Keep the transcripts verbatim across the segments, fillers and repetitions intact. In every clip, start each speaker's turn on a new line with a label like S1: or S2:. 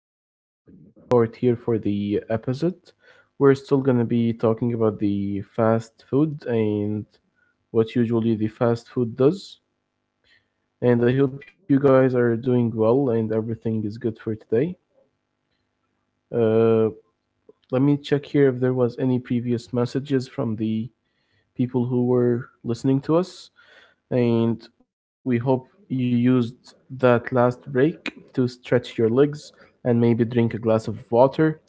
S1: p- second part here for the episode. We're still going to be talking about the fast food and what usually the fast food does. And I hope you guys are doing well and everything is good for today. Uh, Let me check here if there was any previous messages from the people who were listening to us. And we hope you used that last break to stretch your legs and maybe drink a glass of water.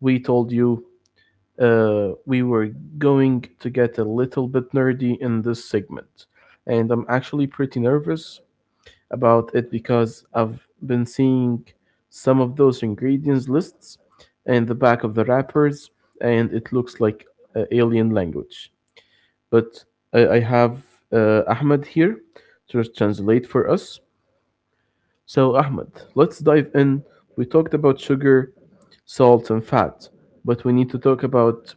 S1: We told you uh, we were going to get a little bit nerdy in this segment. And I'm actually pretty nervous about it because I've been seeing some of those ingredients lists and the back of the wrappers, and it looks like uh, alien language. But I, I have uh, Ahmed here to translate for us. So, Ahmed, let's dive in. We talked about sugar, salt, and fat, but we need to talk about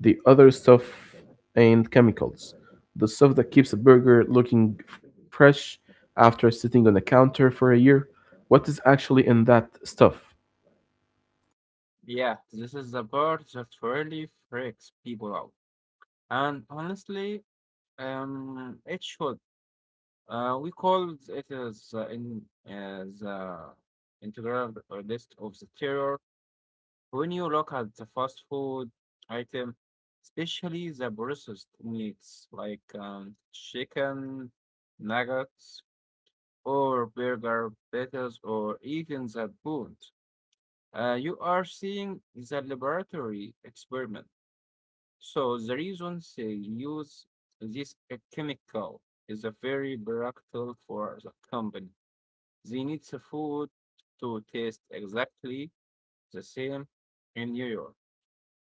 S1: the other stuff and chemicals. The stuff that keeps a burger looking fresh after sitting on a counter for a year. What is actually in that stuff?
S2: Yeah, this is the part that really freaks people out. And honestly, um, it should. Uh, we call it as uh, in as uh, integral list of the terror. When you look at the fast food item, especially the processed meats like um, chicken nuggets or burger patties or even the bones, uh, you are seeing the laboratory experiment. So the reasons they use this uh, chemical is a very practical for the company. They need the food to taste exactly the same in New York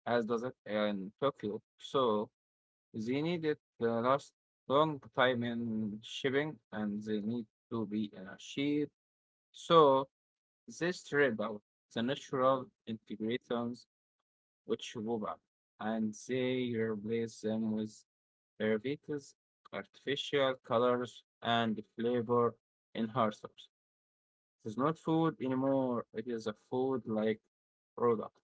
S2: as does it in Tokyo. So they need it to last long time in shipping and they need to be in a ship. So they strip out the natural ingredients which go back and they replace them with Ayurveda's artificial colors and flavor enhancers. It is not food anymore. It is a food-like product.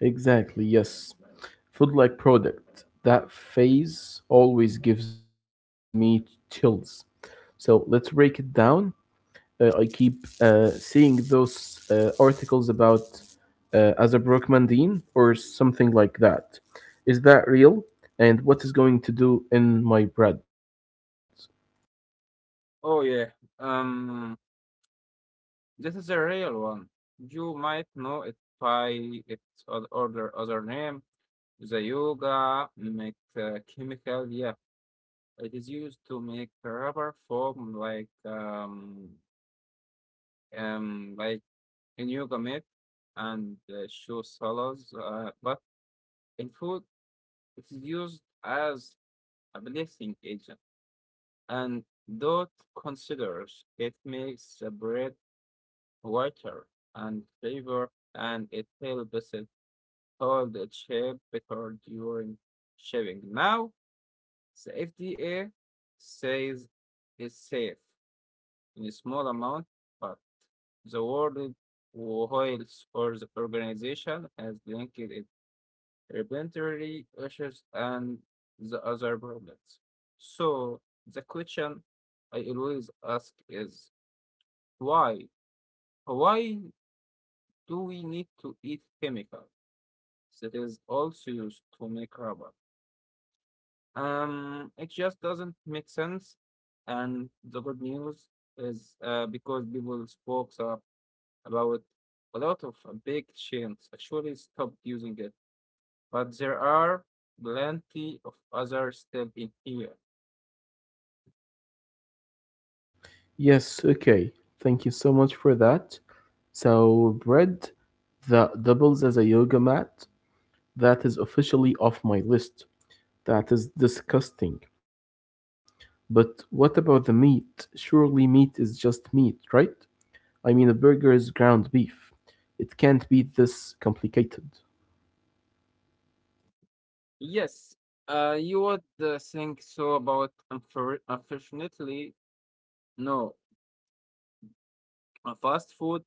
S1: Exactly, yes. Food like product. That phase always gives me chills. So let's break it down. Uh, I keep uh, seeing those uh, articles about uh, as or something like that. Is that real? And what is going to do in my bread?
S2: Oh yeah. Um, this is a real one. You might know it by its o- other other name, the yoga make uh, chemical. Yeah, it is used to make rubber foam like um um like in yoga mat and uh, shoe soles, uh, but in food it is used as a blessing agent, and Dot considers it makes the bread whiter and flavor, and it helps it hold its shape better during shaving. Now, the F D A says it's safe in a small amount, but the World Health Organization has linked it regulatory issues, and the other problems. So the question I always ask is why? Why do we need to eat chemicals that is also used to make rubber? Um, it just doesn't make sense. And the good news is uh, because people spoke up about a lot of uh, big chains actually stopped using it, but there are plenty of others still in here.
S1: Yes, okay. Thank you so much for that. So, bread that doubles as a yoga mat, that is officially off my list. That is disgusting. But what about the meat? Surely meat is just meat, right? I mean a burger is ground beef. It can't be this complicated.
S2: Yes, uh, you would uh, think so about unfor- unfortunately, no. A fast food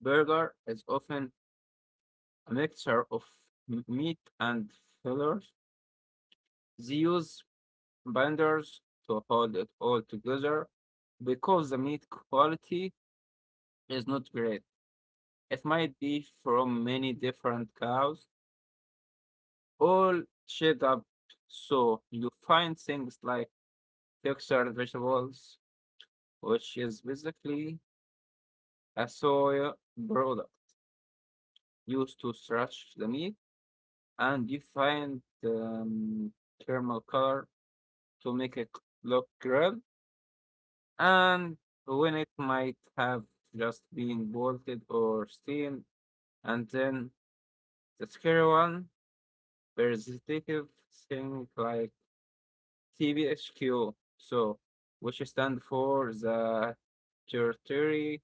S2: burger is often a mixture of m- meat and fillers. They use binders to hold it all together because the meat quality is not great. It might be from many different cows, all shaped up. So you find things like textured vegetables, which is basically a soy product used to stretch the meat and define the um, thermal color to make it look grilled, and when it might have just been bolted or steamed, and then the scary one, versatile thing like T B H Q, so which stand for the Tertiary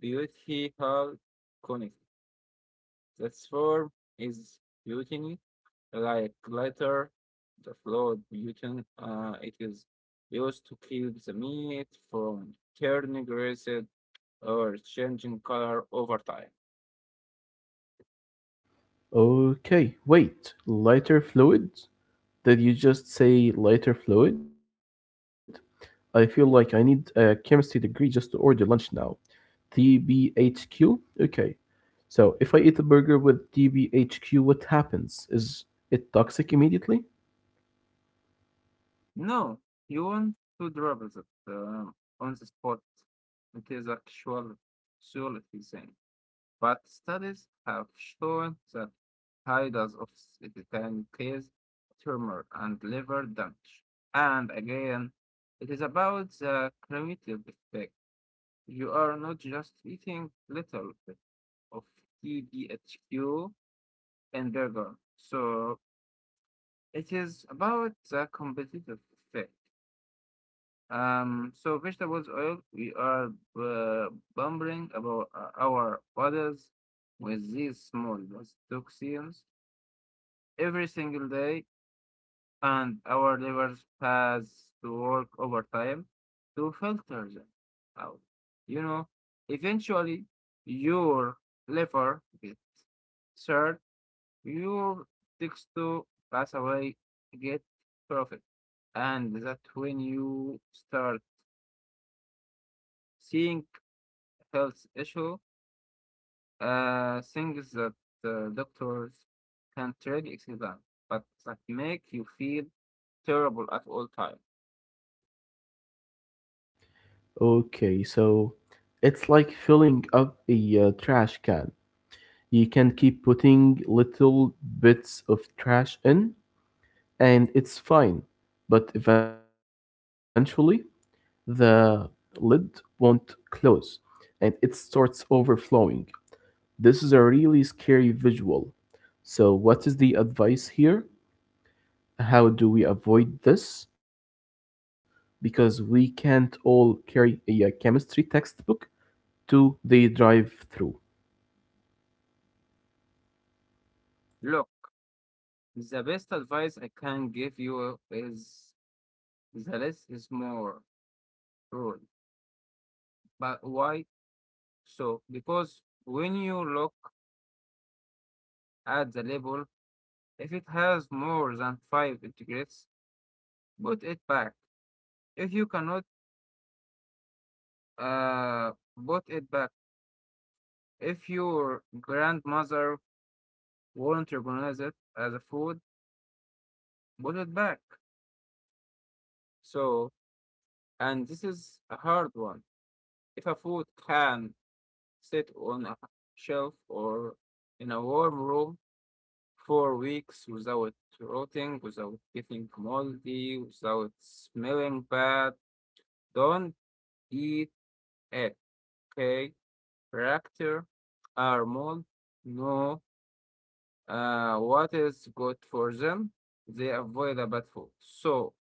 S2: Beauty Hall Connect. That's form is beauty like glitter, the flawed gluten, uh, it is used to keep the meat from turning rancid or changing color over time.
S1: Okay, wait. Lighter fluid? Did you just say lighter fluid? I feel like I need a chemistry degree just to order lunch now. T B H Q? Okay. So, if I eat a burger with T B H Q, what happens? Is it toxic immediately?
S2: No, you want to drop it um, on the spot. It is actual solidly thing. But studies have shown that high dose of it can cause tumor and liver damage. And again, it is about the cumulative effect. You are not just eating little bit of T B H Q and burger. So it is about the competitive effect. Um, so vegetables oil, we are uh, bombarding about uh, our bodies with these small toxins every single day, and our livers has to work overtime to filter them out. You know, eventually your liver gets third, your takes to pass away get profit. And that when you start seeing health issue, uh, things that uh, doctors can't really explain, but that make you feel terrible at all time.
S1: Okay, so it's like filling up a uh, trash can. You can keep putting little bits of trash in, and it's fine, but eventually the lid won't close and it starts overflowing. This is a really scary visual. So, what is the advice here? How do we avoid this? Because we can't all carry a uh, chemistry textbook to the drive through.
S2: Look, the best advice I can give you is the less is more rule. But why so? Because when you look at the label, if it has more than five integrals, put it back. If you cannot, uh, put it back. If your grandmother won't recognize it as a food, put it back. So, and this is a hard one. If a food can sit on a shelf or in a warm room for weeks without rotting, without getting moldy, without smelling bad. Don't eat it, okay? Bacteria are mold. No, uh, what is good for them. They avoid the bad food. So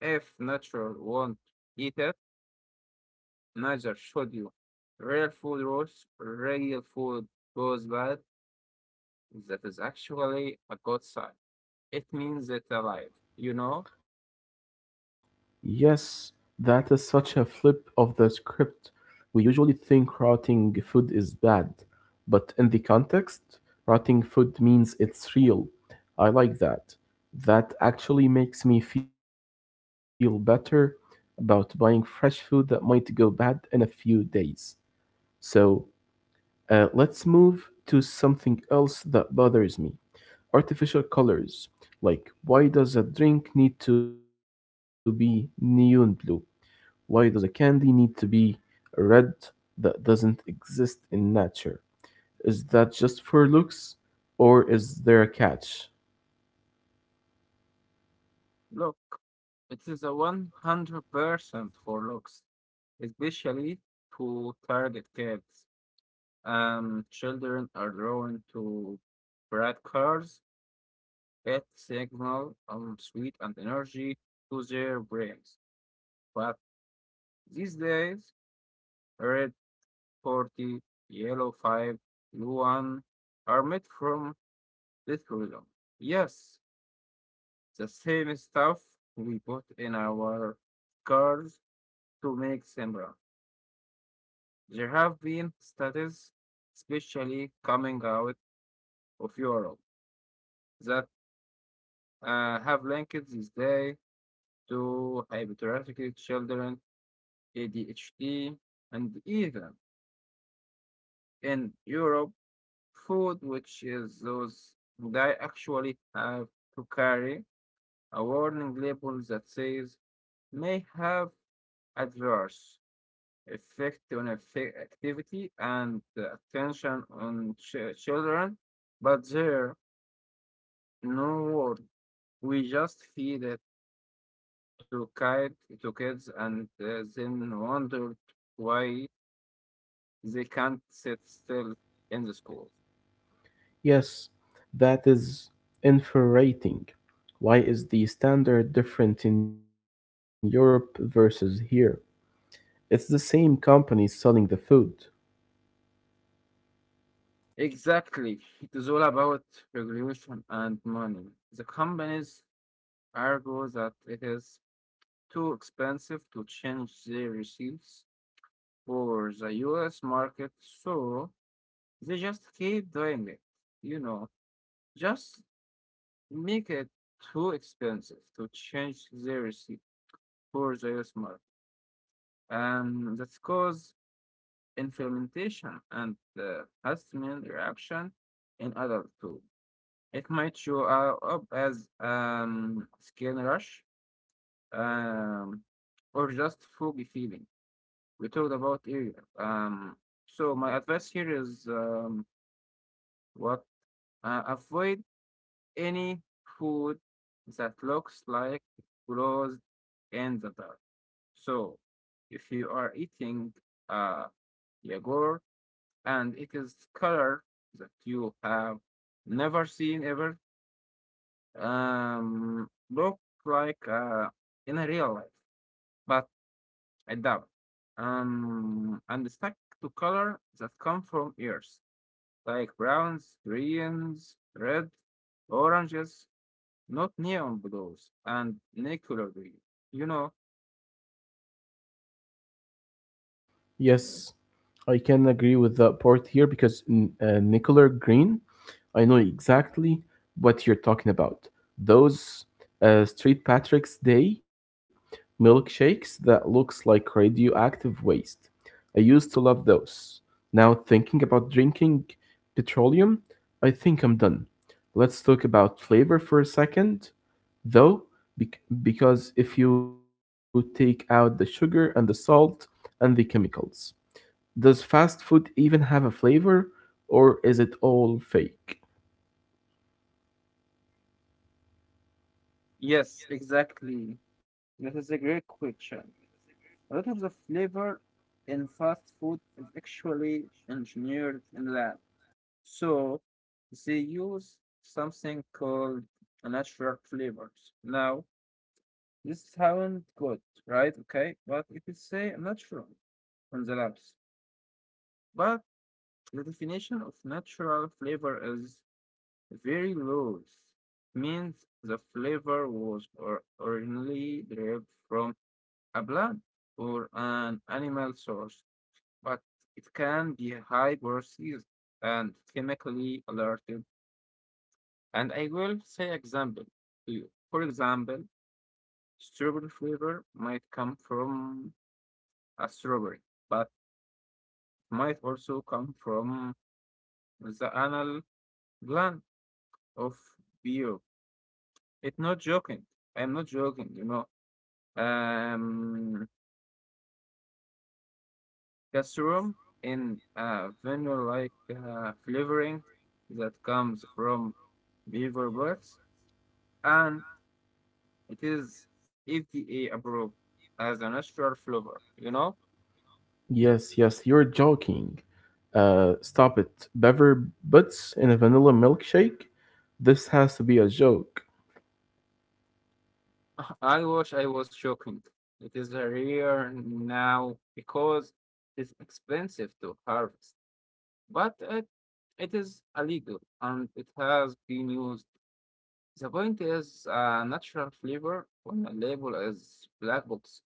S2: if nature won't eat it, neither should you. Real food rots, real food goes bad. That is actually a good sign. It means it's alive. You know,
S1: Yes, that is such a flip of the script. We usually think rotting food is bad, but in the context, rotting food means it's real. I like that. That actually makes me feel better about buying fresh food that might go bad in a few days. So, uh, let's move to something else that bothers me artificial colors. Like, why does a drink need to be neon blue? Why does a candy need to be red that doesn't exist in nature? Is that just for looks, or is there a catch?
S2: look, it is a one hundred percent for looks, especially to target kids. Um, children are drawn to bright colors that signal um, sweet and energy to their brains. But these days, red forty, yellow five, blue one are made from this rhythm. Yes, the same stuff we put in our cars to make similar. There have been studies, especially coming out of Europe, that uh, have linked this day to hyperactive children, A D H D, and even in Europe, food, which is those that actually have to carry a warning label that says may have adverse effect on affe- activity and the attention on ch- children, but there no word. We just feed it to kid to kids and uh, then wonder why they can't sit still in the school.
S1: Yes, that is infuriating. Why is the standard different in Europe versus here? It's the same company selling the food.
S2: Exactly, it is all about regulation and money. The companies argue that it is too expensive to change their receipts for the U S market, so they just keep doing it, you know, just make it too expensive to change seriously for the U S market. Um, that's cause inflammation and uh, histamine reaction in adult too. It might show uh, up as um, skin rash um, or just foggy feeling. We talked about area. Um, so my advice here is um, what? Uh, avoid any food that looks like it grows in the dark. So if you are eating uh, yogurt and it is color that you have never seen ever, um, look like uh, in a real life, but I doubt. Um, and stuck to color that come from ears, like browns, greens, red, oranges, not neon blows and Nicolary. You know,
S1: Yes, I can agree with that part here because mm, uh, Nicola Green I know exactly what you're talking about. Those uh, Street Patrick's Day milkshakes that looks like radioactive waste. I used to love those. Now thinking about drinking petroleum, I think I'm done. Let's talk about flavor for a second, though, bec- because if you take out the sugar and the salt and the chemicals, does fast food even have a flavor or is it all fake?
S2: yes, exactly. That is a great question. A lot of the flavor in fast food is actually engineered in lab. So they use something called natural flavors. Now, this sounds good, right? Okay, but it is say natural on the labs. But the definition of natural flavor is very loose means the flavor was or- originally derived from a plant or an animal source, but it can be high processed and chemically alerted. And I will say example to you. For example, strawberry flavor might come from a strawberry, but might also come from the anal gland of beer. It's not joking. I'm not joking, you know. um, castrum in a vanilla-like uh, flavoring that comes from beaver birds, and it is F D A approved as a natural flavor. You know,
S1: Yes, yes, you're joking. Uh, stop it. Beaver butts in a vanilla milkshake? This has to be a joke.
S2: I wish I was shocking. It is rare now because it's expensive to harvest, but it, it is illegal and it has been used. The point is, a natural flavor on a label is black box.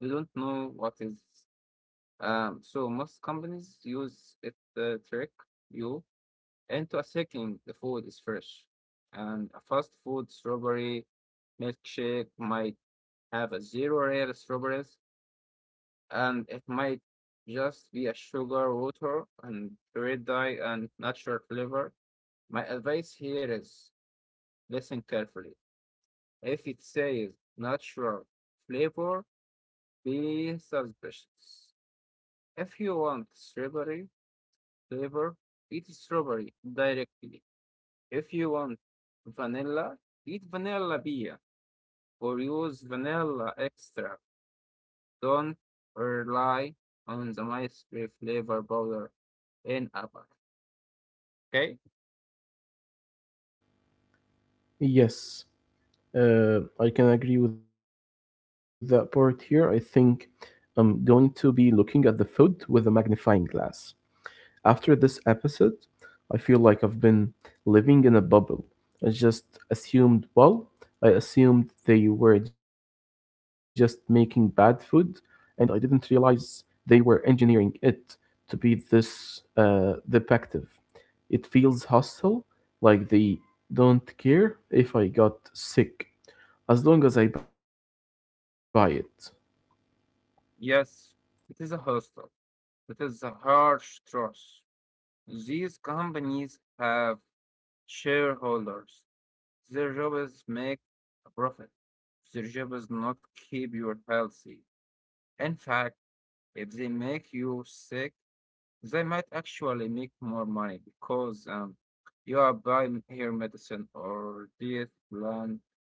S2: They don't know what is. Um, so most companies use it to trick you into a thinking the food is fresh. And a fast food strawberry milkshake might have a zero real strawberries, and it might just be a sugar, water, and red dye and natural flavor. My advice here is listen carefully. If it says natural flavor, be suspicious. If you want strawberry flavor, eat strawberry directly. If you want vanilla, eat vanilla beer or use vanilla extract. Don't rely on the mystery flavor powder in a bag. Okay?
S1: Yes, uh, I can agree with that part here. I think I'm going to be looking at the food with a magnifying glass. After this episode, I feel like I've been living in a bubble. I just assumed, well, I assumed they were just making bad food, and I didn't realize they were engineering it to be this uh, defective. It feels hostile, like they don't care if I got sick, as long as I buy it.
S2: Yes, it is a hostel. It is a harsh truth. These companies have shareholders. Their job is make a profit. Their job is not keep you healthy. In fact, if they make you sick, they might actually make more money because um, you are buying here medicine or diet plan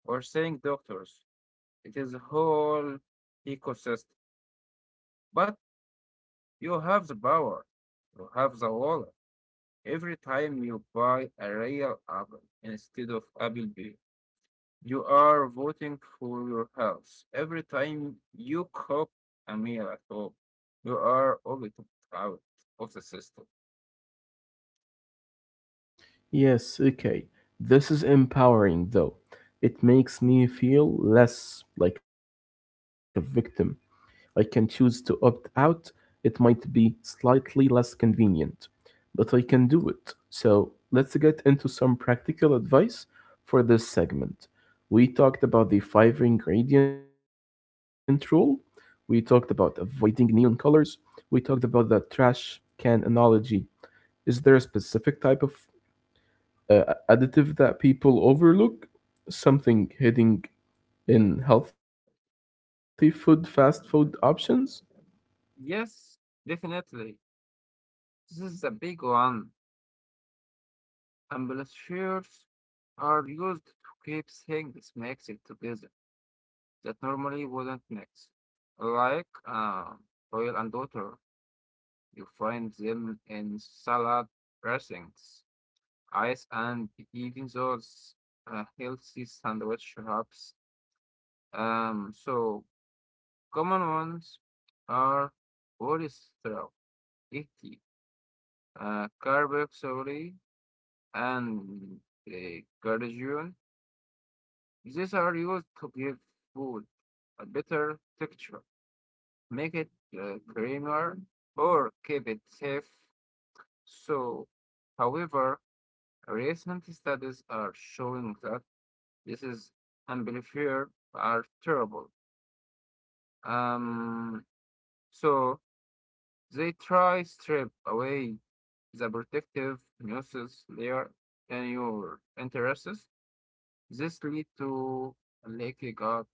S2: or seeing doctors. It is a whole ecosystem. But you have the power, you have the wallet. Every time you buy a real apple instead of apple pie, you are voting for your health. Every time you cook a meal at home, you are always out of the system.
S1: Yes, okay. This is empowering, though. It makes me feel less like a victim I can choose to opt out. It might be slightly less convenient, but I can do it. So let's get into some practical advice for this segment. We talked about the five ingredient rule. We talked about avoiding neon colors. We talked about the trash can analogy. Is there a specific type of uh, additive that people overlook? Something hidden in healthy food, fast food options?
S2: Yes, definitely. This is a big one. Ambulatures are used to keep things mixed together that normally wouldn't mix. Like uh, oil and water, you find them in salad dressings, ice and even those uh, healthy sandwich wraps. Um, so common ones are polyester, uh, carboxylate, and uh, glutathione. These are used to give food a better texture, make it uh, creamier, or keep it safe. So, however, recent studies are showing that this is amplifier are terrible. Um, so they try strip away the protective mucus layer in your interests. This lead to leaking up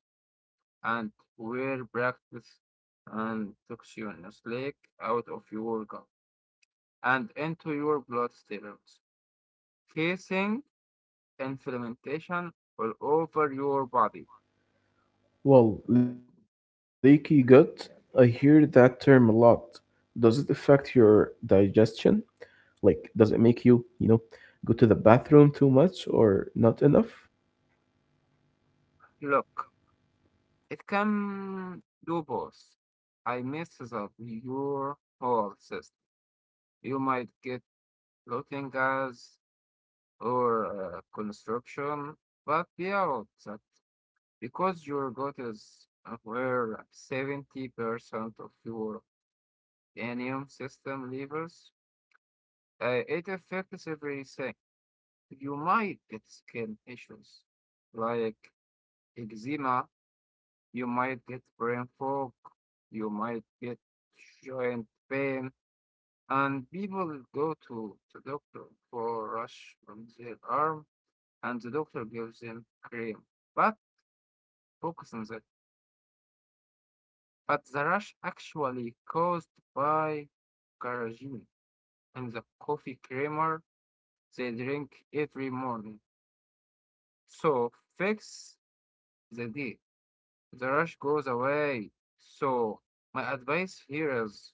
S2: and wear practice and toxins leak out of your gut and into your bloodstreams, causing inflammation all over your body.
S1: Well, leaky gut, I hear that term a lot. Does it affect your digestion? Like, does it make you, you know, go to the bathroom too much or not enough?
S2: Look, it can do both. I messes up your whole system. You might get bloating gas or uh, construction, but beyond that, because your gut is uh, where seventy percent of your immune system lives, uh, it affects everything. You might get skin issues like eczema, you might get brain fog, you might get joint pain, and people go to the doctor for a rash on their arm, and the doctor gives them cream. But focus on that. But the rush actually caused by carrageenan and the coffee creamer they drink every morning. So fix the day. The rush goes away. So my advice here is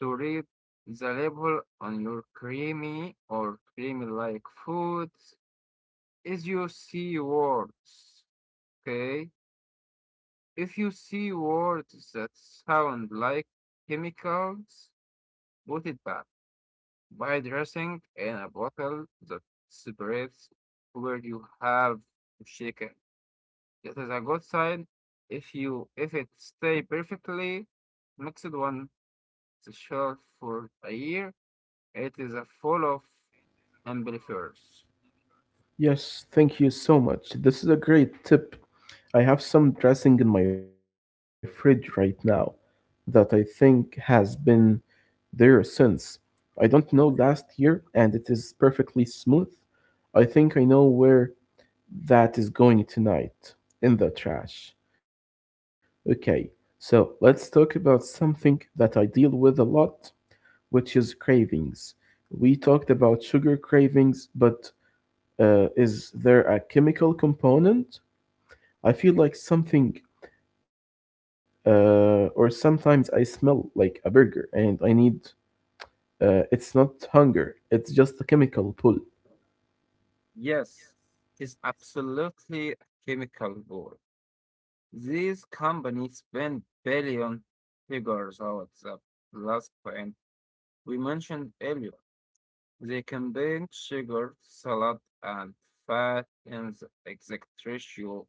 S2: to read the label on your creamy or creamy like foods is you see words. Okay? If you see words that sound like chemicals, put it back. By dressing in a bottle that separates where you have to shake it. It is a good sign if you if it stay perfectly mixed on the shelf for a year. It is a full of amplifiers.
S1: Yes, thank you so much. This is a great tip. I have some dressing in my fridge right now that I think has been there since. I don't know last year, and it is perfectly smooth. I think I know where that is going tonight in the trash. Okay, so let's talk about something that I deal with a lot, which is cravings. We talked about sugar cravings, but uh, is there a chemical component? I feel like something, uh, or sometimes I smell like a burger and I need, uh, it's not hunger, it's just a chemical pull.
S2: Yes, it's absolutely a chemical war. These companies spend billion figures out the last point we mentioned earlier. They combine sugar, salad, and fat in the exact ratio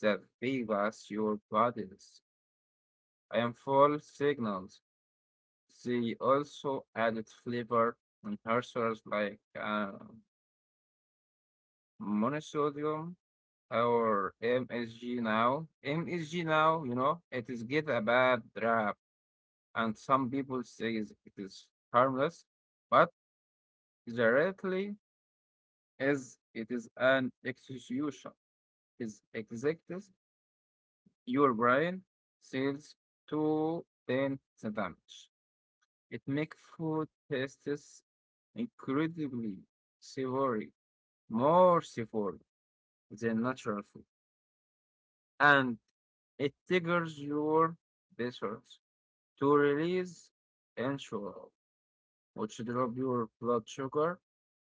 S2: that favors your body's and full signals. They also added flavor enhancers like uh, monosodium or M S G now. M S G now, you know, it is get a bad rap, and some people say is- it is harmless, but directly is it is an execution. Is executes your brain seals to then the damage. It makes food tastes incredibly savory, more savory than natural food, and it triggers your vessels to release insulin, which drop your blood sugar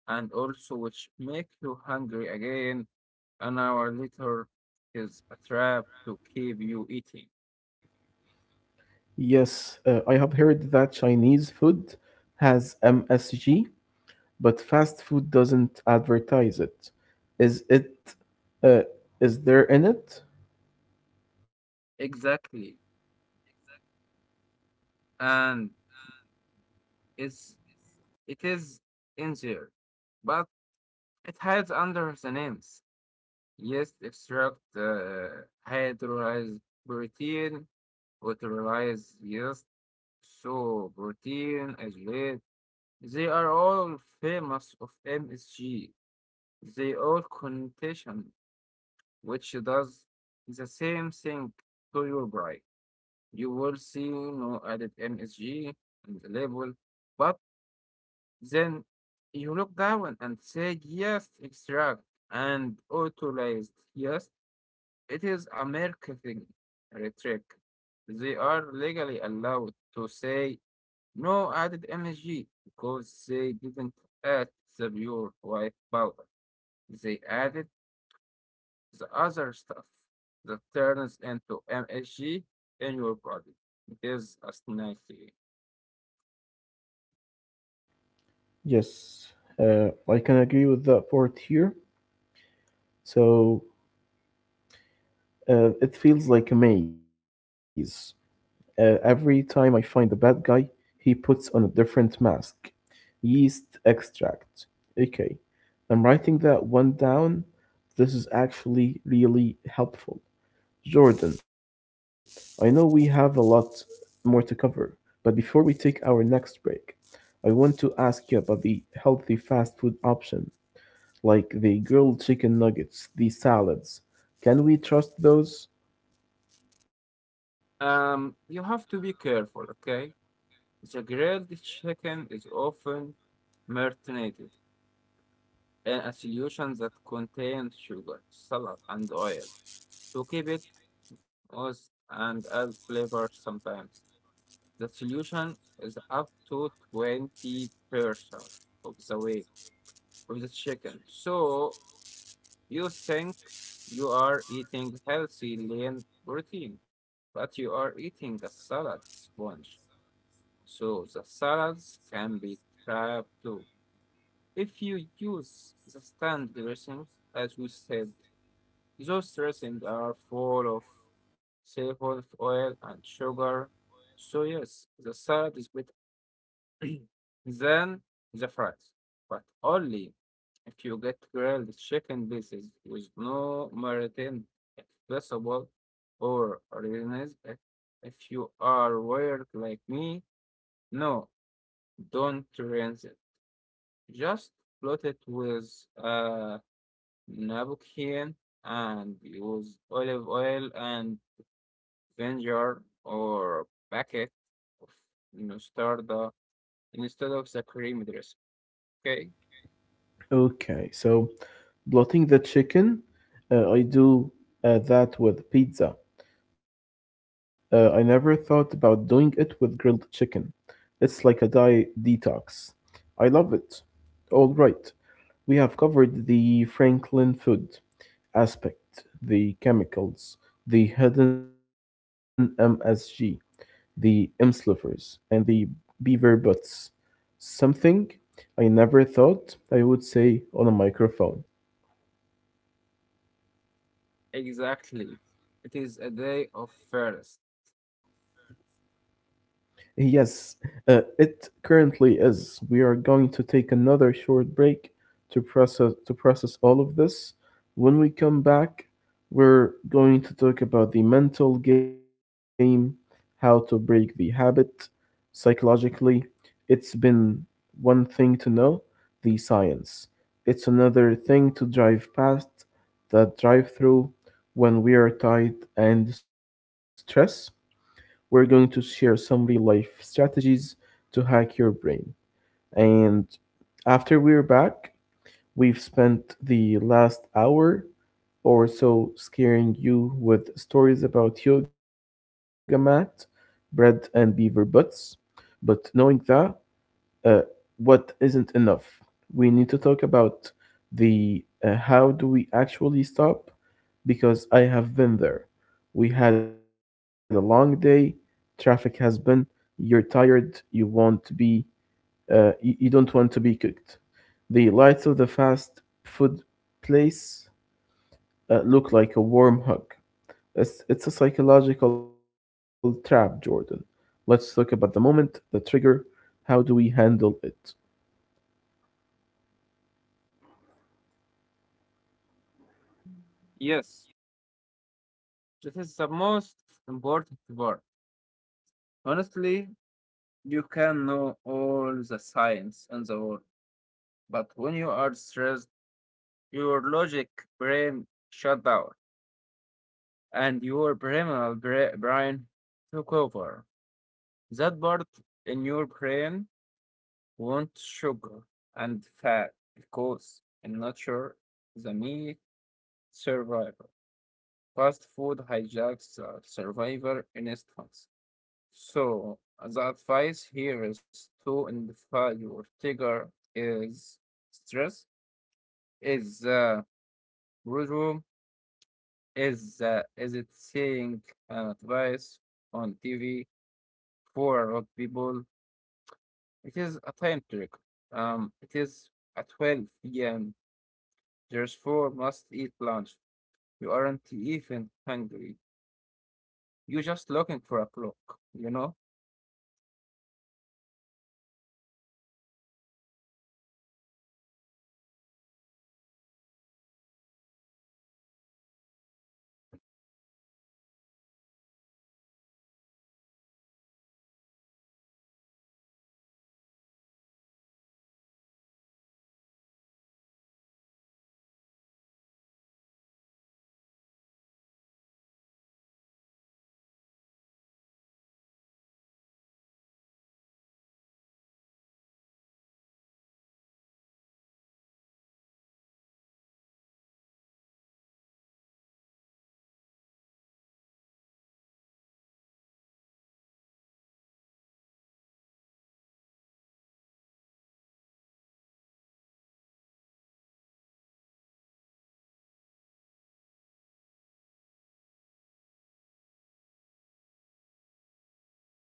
S2: and also which make you hungry again an hour later is a trap to keep you eating.
S1: Yes, uh, I have heard that Chinese food has M S G, but fast food doesn't advertise it. Is it? Uh, is there in it?
S2: Exactly. And it's it is in there, but it hides under the names. Yeast extract, uh, hydrolyzed protein, hydrolyzed yeast, so protein, isolate. They are all famous of M S G. They all connotation, which does the same thing to your brain. You will see no added M S G in the label, but then you look down and say yes, extract and authorized. Yes, it is a marketing trick. They are legally allowed to say no added M S G because they didn't add the pure white powder. They added the other stuff that turns into M S G in your body. It is a snacky.
S1: Yes, uh, I can agree with that part here. So uh, it feels like a maze. Uh, every time I find the bad guy, he puts on a different mask. Yeast extract. Okay, I'm writing that one down. This is actually really helpful. Jordan, I know we have a lot more to cover, but before we take our next break, I want to ask you about the healthy fast food option, like the grilled chicken nuggets, the salads. Can we trust those?
S2: Um, you have to be careful, okay? The grilled chicken is often marinated in a solution that contains sugar, salt, and oil to keep it moist and add flavor sometimes. The solution is up to twenty percent of the weight of the chicken. So you think you are eating healthy lean protein, but you are eating a salad sponge. So the salads can be trapped too. If you use the stand dressing, as we said, those dressings are full of seafood oil and sugar. So yes, the salad is better than the fries, but only if you get grilled chicken pieces with no maritime, if possible, or mayonnaise. If if you are weird like me, no, don't rinse it. Just float it with a Nabuccan and use olive oil and vinegar or packet of mustard instead of the cream dressing. Okay,
S1: Okay, so blotting the chicken, uh, I do uh, that with pizza. Uh, I never thought about doing it with grilled chicken. It's like a diet detox. I love it. All right, we have covered the Franklin-Food aspect, the chemicals, the hidden M S G, the M-slivers, and the beaver butts. Something I never thought I would say on a microphone.
S2: exactly. It is a day of first.
S1: Yes, uh, it currently is. We are going to take another short break to process to process all of this. When we come back, we're going to talk about the mental game, how to break the habit psychologically. It's been one thing to know the science. It's another thing to drive past that drive-through when we are tired and stressed. We're going to share some real life strategies to hack your brain. And after we're back, we've spent the last hour or so scaring you with stories about yoga mat, bread, and beaver butts. But knowing that, uh, what isn't enough. We need to talk about the uh, how do we actually stop because I have been there. We had a long day, traffic has been, you're tired, you want to be, uh, you, you don't want to be cooked. The lights of the fast food place uh, look like a warm hug. It's, it's a psychological trap, Jordan. Let's talk about the moment, the trigger, how do we handle it?
S2: Yes, this is the most important part. Honestly, you can know all the science in the world, but when you are stressed, your logic brain shut down and your primal bra- brain took over. That part in your brain wants sugar and fat because in nature, the meat survivor. Fast food hijacks the survivor instincts. So, the advice here is to identify your trigger is stress, is the boredom, is uh, is it seeing an advice on T V for a lot of people. It is a time trick. Um, it is at twelve p m. Therefore, must eat lunch. You aren't even hungry. You're just looking for a clock, you know?